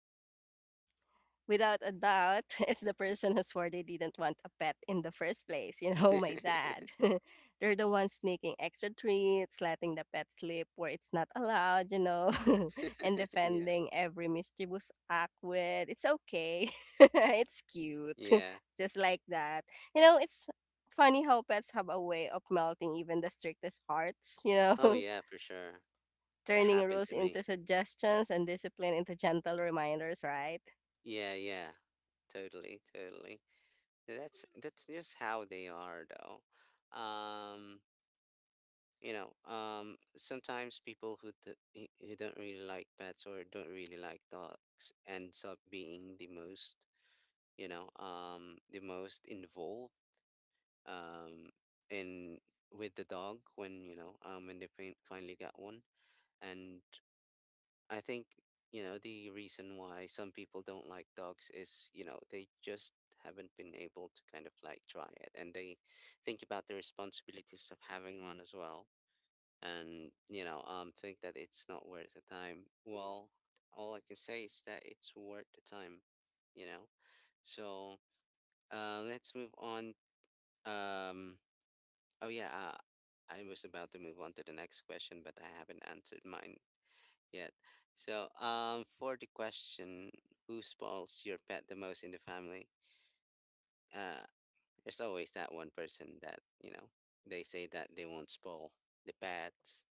B: Without a doubt, it's the person who swore they didn't want a pet in the first place. You know, my dad. They're the ones sneaking extra treats, letting the pet sleep where it's not allowed, you know, and
A: Yeah,
B: defending every mischievous act with, it's okay, it's cute,
A: yeah.
B: just like that. You know, it's funny how pets have a way of melting even the strictest hearts, you know,
A: Oh yeah, for sure. It
B: turning
A: happened
B: rules
A: to me.
B: into suggestions and discipline into gentle reminders, right?
A: Yeah, yeah. Totally, totally. That's just how they are though. um Sometimes people who d- who don't really like pets, or don't really like dogs, ends up being the most involved, um in with the dog, when you know when they finally got one and. I think, the reason why some people don't like dogs is, they just haven't been able to kind of like try it. And they think about the responsibilities of having one as well. And, think that it's not worth the time. Well, all I can say is that it's worth the time, you know? So, let's move on. Um, oh, yeah. I was about to move on to the next question, but I haven't answered mine yet. So, for the question: who spoils your pet the most in the family? Uh, there's always that one person that, they say that they won't spoil the pets,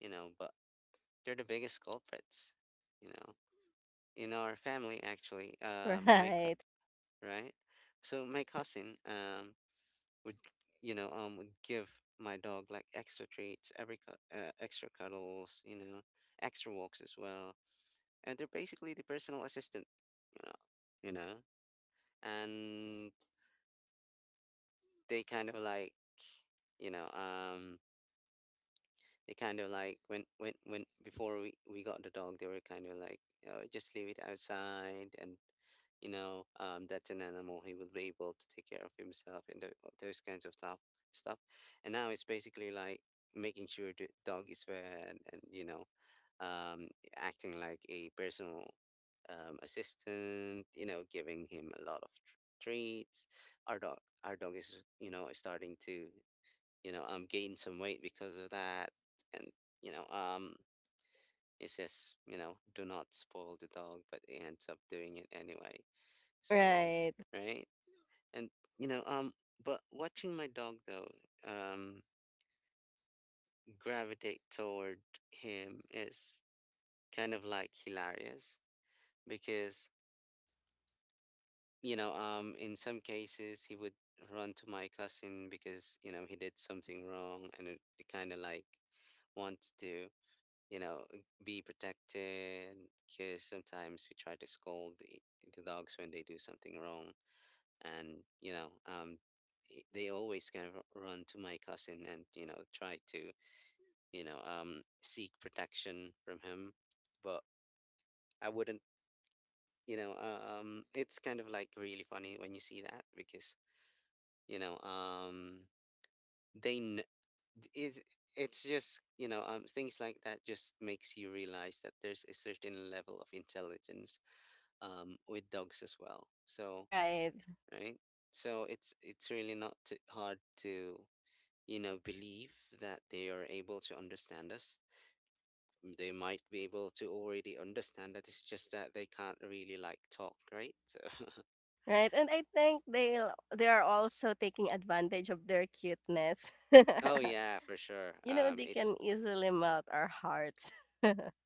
A: but they're the biggest culprits, you know. In our family, actually,
B: Right.
A: right? So my cousin, would, would give my dog like extra treats, extra cuddles, extra walks as well, and they're basically the personal assistant, you know, you know, and they kind of like, you know, um, they kind of like when before we got the dog, they were kind of like, oh, just leave it outside. And, that's an animal. He will be able to take care of himself, and those kinds of stuff. And now it's basically like making sure the dog is fed, and, um, acting like a personal, assistant, giving him a lot of treats. Our dog, our dog is, starting to, gain some weight because of that, and, you know, um, it says, do not spoil the dog, but he ends up doing it anyway. So.
B: Right,
A: Right. And, you know, um, but watching my dog though, um, gravitate toward him is kind of like hilarious, because, in some cases, he would run to my cousin because, he did something wrong, and it kind of like wants to, you know, be protected, because sometimes we try to scold the dogs when they do something wrong. And, they always kind of run to my cousin and, try to, seek protection from him. But I wouldn't, you know, it's kind of like really funny when you see that, because, you know um they kn- it's it's just, things like that just makes you realize that there's a certain level of intelligence, with dogs as well, so.
B: right,
A: Right. So it's really not too hard to, believe that they are able to understand us. They might be able to already understand that, it's just that they can't really like talk, right? So,
B: right. And I think they are also taking advantage of their cuteness.
A: oh yeah, for sure.
B: You know, they
A: It's
B: can easily melt our hearts.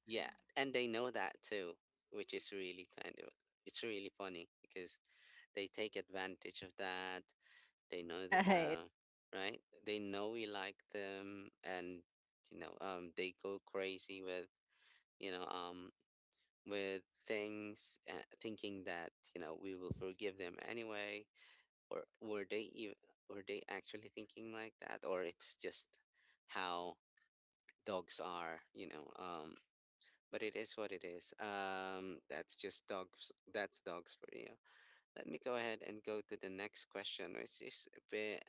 A: Yeah, and they know that too, which is really kind of, it's really funny, because they take advantage of that. They know
B: Right.
A: right? They know we like them, and, they go crazy, you know um with things, thinking that, we will forgive them anyway. Or were they actually thinking like that, or it's just how dogs are, but it is what it is. That's just dogs. That's dogs for you. Let me go ahead and go to the next question, which is a bit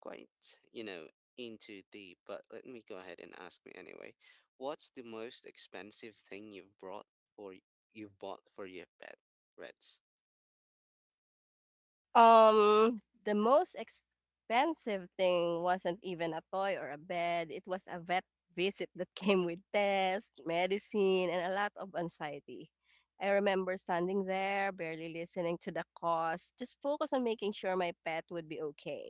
A: quite, into deep. But let me go ahead and ask me anyway. What's the most expensive thing you've brought or you've bought for your pet, Reds?
B: The most expensive thing wasn't even a toy or a bed. It was a vet visit that came with tests, medicine, and a lot of anxiety. I remember standing there, barely listening to the cost, just focus on making sure my pet would be okay.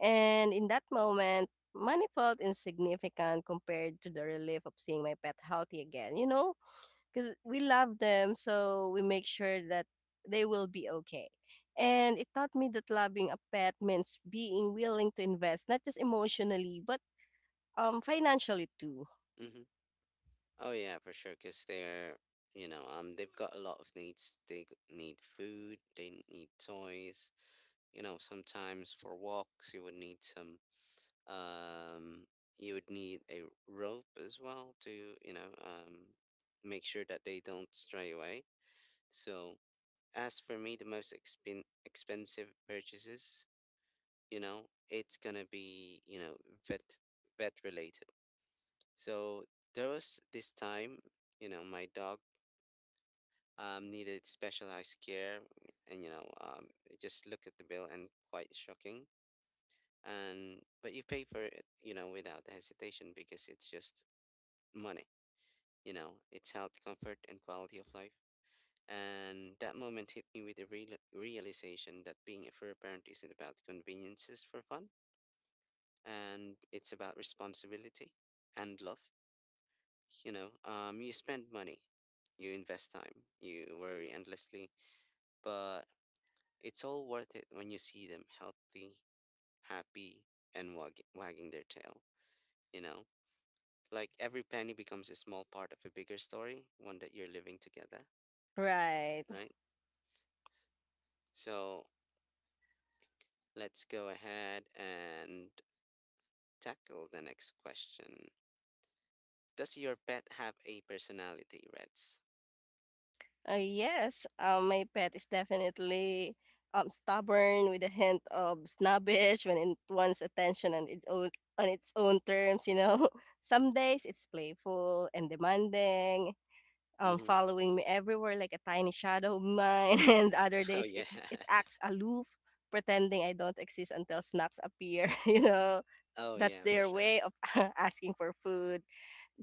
B: And in that moment, money felt insignificant compared to the relief of seeing my pet healthy again, you know? Because we love them, so we make sure that they will be okay. And it taught me that loving a pet means being willing to invest, not just emotionally, but financially too.
A: Mm-hmm. Oh yeah, for sure. Cause they've got a lot of needs. They need food. They need toys. Sometimes for walks, you would need some. Um, you would need a rope as well to, make sure that they don't stray away. So, as for me, the most expensive purchases, it's gonna be, vet vet related. So, there was this time, my dog needed specialized care, and, just look at the bill, and quite shocking. And but you pay for it, without hesitation, because it's just money, its health, comfort, and quality of life. And that moment hit me with the realization that being a fur parent isn't about conveniences for fun, and it's about responsibility and love. You spend money, you invest time, you worry endlessly, but it's all worth it when you see them healthy, happy, and wagging their tail. You know, like every penny becomes a small part of a bigger story, one that you're living together,
B: Right.
A: right? So, let's go ahead and tackle the next question. Does your pet have a personality, Reds?
B: Yes, my pet is definitely stubborn with a hint of snobbish when it wants attention on its own terms. You know, some days it's playful and demanding,
A: Mm-hmm.
B: following me everywhere like a tiny shadow of mine, and other
A: Oh
B: days
A: yeah.
B: it acts aloof, pretending I don't exist until snacks appear. You know,
A: Oh
B: that's
A: yeah, for
B: their
A: sure.
B: way of asking for food.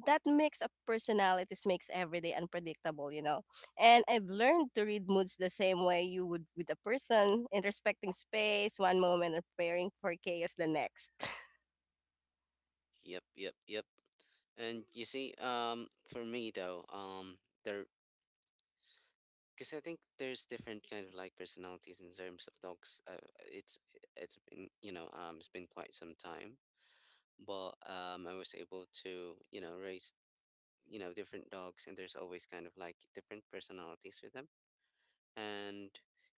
B: That mix of personalities makes every day unpredictable, you know. And I've learned to read moods the same way you would with a person in respecting space one moment and preparing for chaos the next.
A: Yep, yep, yep. And you see, for me though, there, because I think there's different kind of like personalities in terms of dogs. It's been it's been quite some time, but I was able to raise different dogs, and there's always kind of like different personalities with them and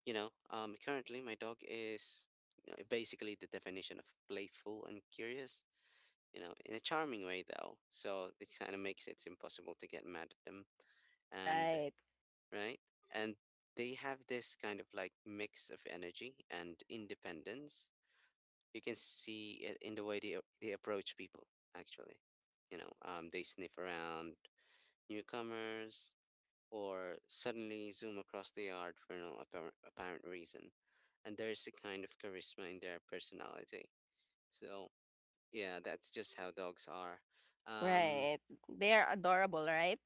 A: currently my dog is, you know, basically the definition of playful and curious, you know, in a charming way though, so it kind of makes it impossible to get mad at them. And
B: Right.
A: right, and they have this kind of like mix of energy and independence. You can see it in the way they approach people actually. They sniff around newcomers or suddenly zoom across the yard for no apparent reason. And there's a kind of charisma in their personality. So, yeah, that's just how dogs are. Um,
B: Right. They are adorable, right?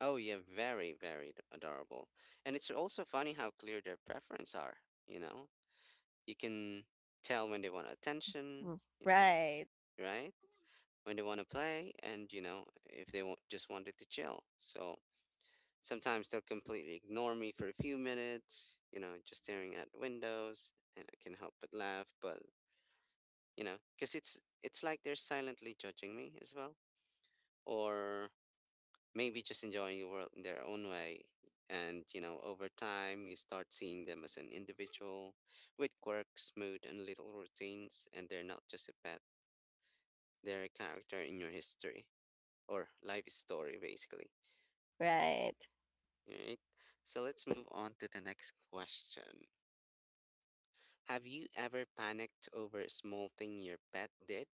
A: oh, yeah, very, very adorable. And it's also funny how clear their preference are, you know? You can tell when they want attention,
B: Mm.
A: you know,
B: Right.
A: right? When they want to play, and, you know, if they want, just wanted to chill. So, sometimes they'll completely ignore me for a few minutes, you know, just staring at windows, and I can help but laugh, but because it's like they're silently judging me as well, or maybe just enjoying the world in their own way. And you know, over time, you start seeing them as an individual with quirks, mood, and little routines, and they're not just a pet; they're a character in your history or life story, basically.
B: Right.
A: All right. So let's move on to the next question. Have you ever panicked over a small thing your pet did?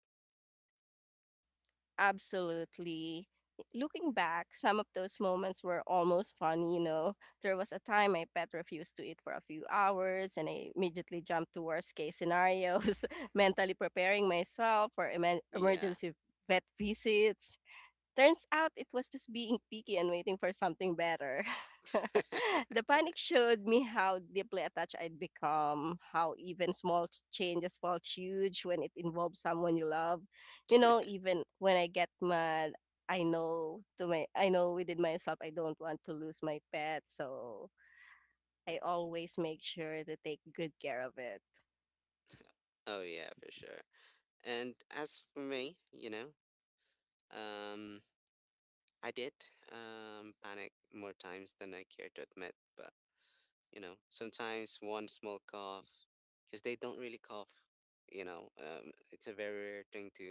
B: Absolutely. Looking back, some of those moments were almost funny, you know. There was a time my pet refused to eat for a few hours and I immediately jumped to worst case scenarios, mentally preparing myself for
A: Yeah.
B: emergency vet visits. Turns out it was just being picky and waiting for something better. The panic showed me how deeply attached I'd become, how even small changes felt huge when it involved someone you love. You know, even when I get mad, I know within myself I don't want to lose my pet, so I always make sure to take good care of it.
A: oh yeah, for sure. And as for me, you know, um I did panic more times than I care to admit, but you know, sometimes one small cough, cuz they don't really cough, you know. It's a very rare thing to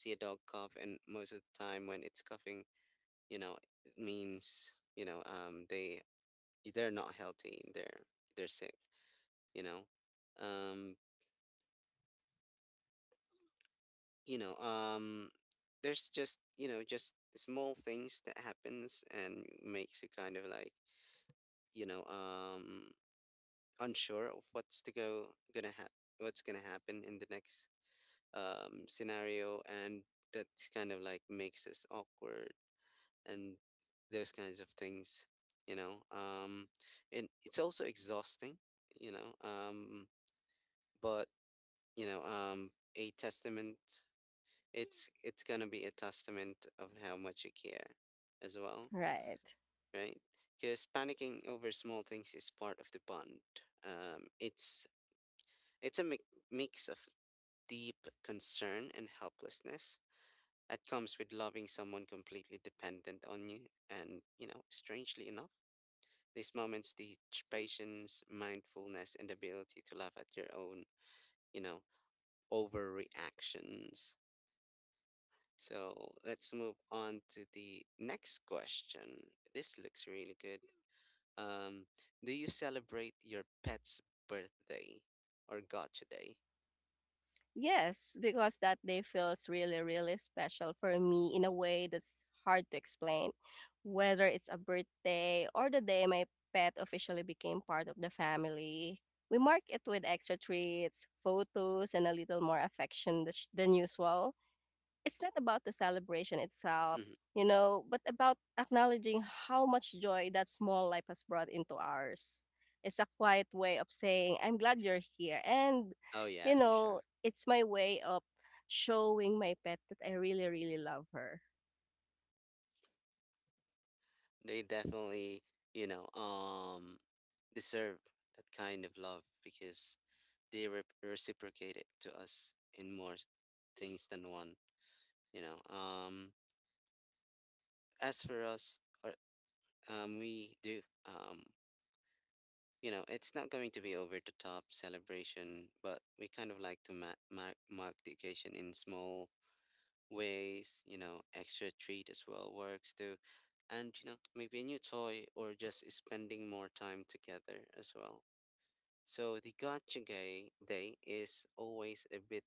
A: see a dog cough, and most of the time when it's coughing, you know, it means, they they're not healthy, they're sick. you know um you know um there's just, you know, just small things that happens and makes you kind of like, you know um unsure of what's gonna happen in the next scenario, and that's kind of like makes us awkward and those kinds of things, you know um and it's also exhausting, you know um but you know a testament it's gonna be a testament of how much you care as well,
B: Right.
A: right? Because panicking over small things is part of the bond. Um it's it's a mi- mix of deep concern and helplessness that comes with loving someone completely dependent on you. And you know, strangely enough, these moments teach patience, mindfulness, and the ability to laugh at your own, you know, overreactions. So let's move on to the next question. This looks really good. Um, do you celebrate your pet's birthday or gotcha day?
B: Yes, because that day feels really, really special for me in a way that's hard to explain. Whether it's a birthday or the day my pet officially became part of the family, we mark it with extra treats, photos, and a little more affection than usual. It's not about the celebration itself,
A: Hmm.
B: you know, but about acknowledging how much joy that small life has brought into ours. It's a quiet way of saying, I'm glad you're here. And,
A: Oh yeah,
B: you
A: for
B: know,
A: sure.
B: it's my way of showing my pet that I really, really love her.
A: They definitely, you know, deserve that kind of love because they reciprocate it to us in more things than one. You know, as for us, or, we do, you know, it's not going to be over the top celebration, but we kind of like to mark the occasion in small ways. You know, extra treat as well works too, and you know, maybe a new toy or just spending more time together as well. So the gotcha guy day is always a bit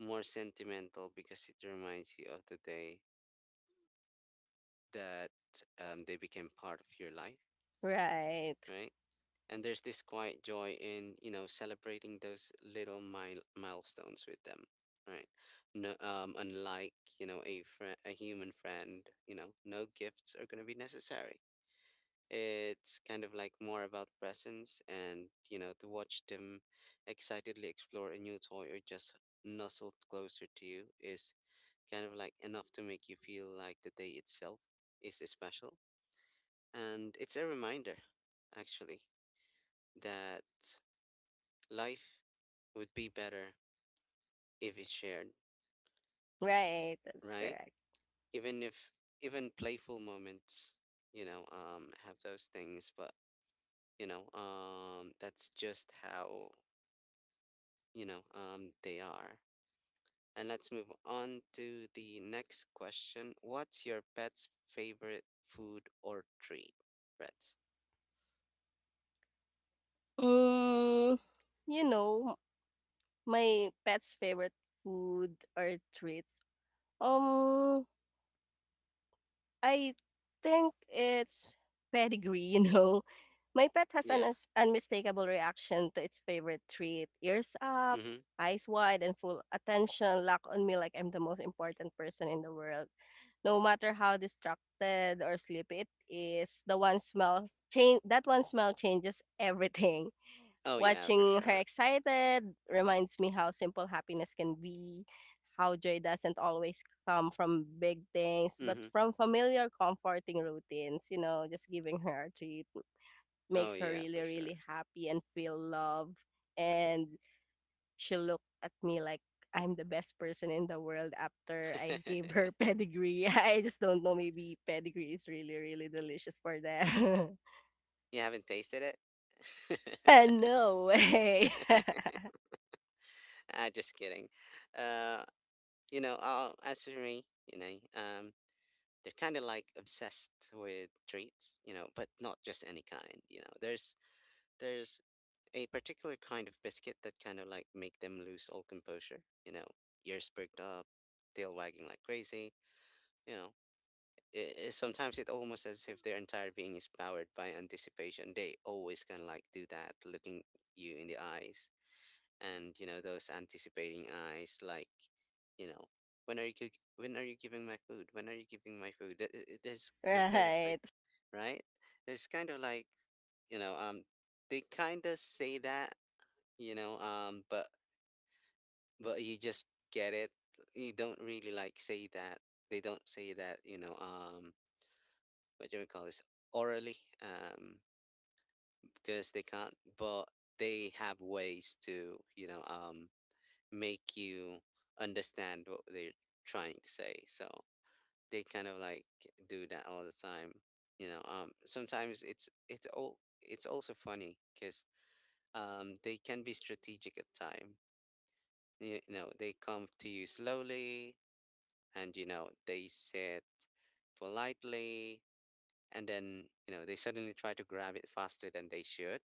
A: more sentimental because it reminds you of the day that, they became part of your life,
B: Right.
A: right? And there's this quiet joy in, you know, celebrating those little milestones with them, right? No, unlike you know a friend, a human friend, you know, no gifts are gonna be necessary. It's kind of like more about presence, and, you know, to watch them excitedly explore a new toy or just nuzzled closer to you is kind of like enough to make you feel like the day itself is special. And it's a reminder, actually, that life would be better if it's shared,
B: Right. That's
A: right?
B: correct.
A: Even if even playful moments, you know, have those things, but you know, that's just how, you know, they are. And let's move on to the next question. What's your pet's favorite food or treat, Brett?
B: Mm, you know, my pet's favorite food or treats. Um, I think it's pedigree, you know. My pet has an
A: Yeah.
B: us unmistakable reaction to its favorite treat, ears up,
A: Mm-hmm.
B: eyes wide, and full attention locked on me like I'm the most important person in the world. No matter how distracted or sleepy it is, the one smell change that one smell changes everything.
A: Oh yeah, for
B: Watching her
A: sure.
B: excited reminds me how simple happiness can be, how joy doesn't always come from big things, but
A: Mm-hmm.
B: from familiar comforting routines, you know, just giving her a treat
A: Oh
B: makes her
A: yeah,
B: really,
A: for sure.
B: really happy and feel love. And she looked at me like I'm the best person in the world after I gave her pedigree. I just don't know. Maybe pedigree is really, really delicious for that.
A: You haven't tasted it?
B: No way.
A: Ah, just kidding. Uh, you know, as for me, you know, um, they're kind of like obsessed with treats, you know, but not just any kind. You know, there's a particular kind of biscuit that kind of like make them lose all composure, you know, ears perked up, tail wagging like crazy, you know. I Sometimes it almost as if their entire being is powered by anticipation. They always kind of like do that, looking you in the eyes, and you know those anticipating eyes, like, you know, when are you giving my food? When are you giving my food? There's kind of like
B: Right.
A: right, there's kind of like, you know, um, they kind of say that, you know, um, but you just get it. You don't really like say that. They don't say that, you know, what do we call this? Orally, um, because they can't, but they have ways to, you know, make you understand what they're trying to say. So they kind of like do that all the time. You know, sometimes it's also funny because they can be strategic at time. You know, they come to you slowly, and you know they sit politely, and then you know they suddenly try to grab it faster than they should.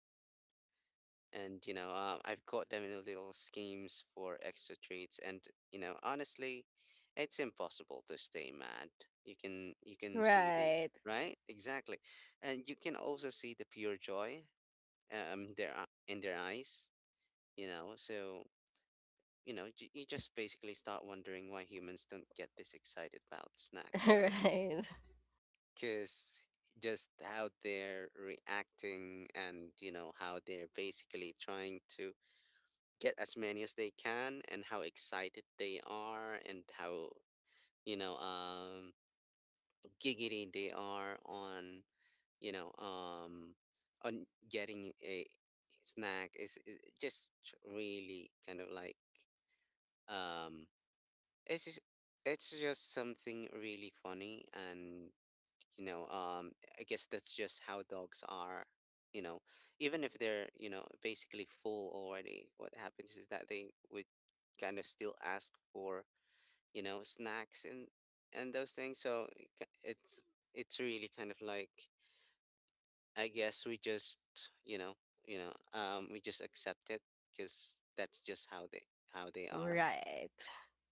A: And you know, I've caught them in little schemes for extra treats, and you know honestly, it's impossible to stay mad. You can see the
B: Right.
A: right exactly, and you can also see the pure joy, um, in their eyes, you know. So you know, you just basically start wondering why humans don't get this excited about snacks, right?
B: Right.
A: Cause just how they're reacting, and you know how they're basically trying to get as many as they can, and how excited they are, and how, you know, um, giggity they are on, you know, um, on getting a snack, is just really kind of like, um, it's just, it's just something really funny, and you know um, I guess that's just how dogs are, you know. Even if they're, you know, basically full already, what happens is that they would kind of still ask for, you know, snacks and those things. So it it's really kind of like, I guess we just, you know you know, we just accept it because that's just how they are.
B: Right.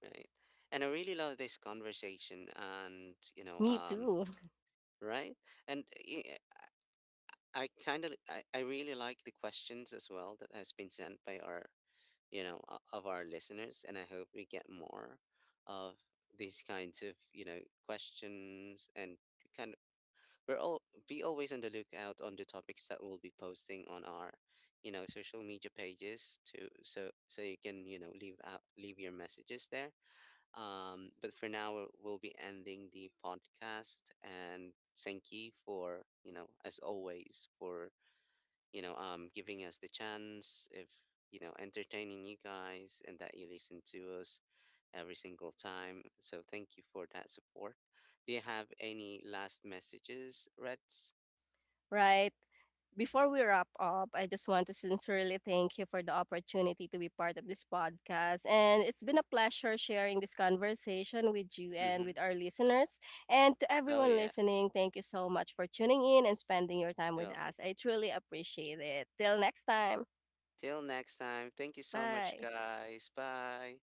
A: Right, and I really love this conversation, and you know
B: Me
A: um,
B: too.
A: right, and I kind of I really like the questions as well that has been sent by our, you know, of our listeners, and I hope we get more of these kinds of, you know, questions, and we kind of, we're all be always on the lookout on the topics that we'll be posting on our, you know, social media pages to, so so you can you know leave your messages there. Um, but for now, we'll be ending the podcast, and thank you for, you know, as always, for, you know, giving us the chance if, you know, entertaining you guys, and that you listen to us every single time. So thank you for that support. Do you have any last messages, Reds?
B: Right. Before we wrap up, I just want to sincerely thank you for the opportunity to be part of this podcast. And it's been a pleasure sharing this conversation with you and
A: Mm-hmm.
B: with our listeners. And to
A: Oh
B: everyone
A: yeah.
B: listening, thank you so much for tuning in and spending your time with
A: Well,
B: us. I truly appreciate it. Till next time.
A: till next time. Thank you so much,
B: Bye.
A: guys. Bye.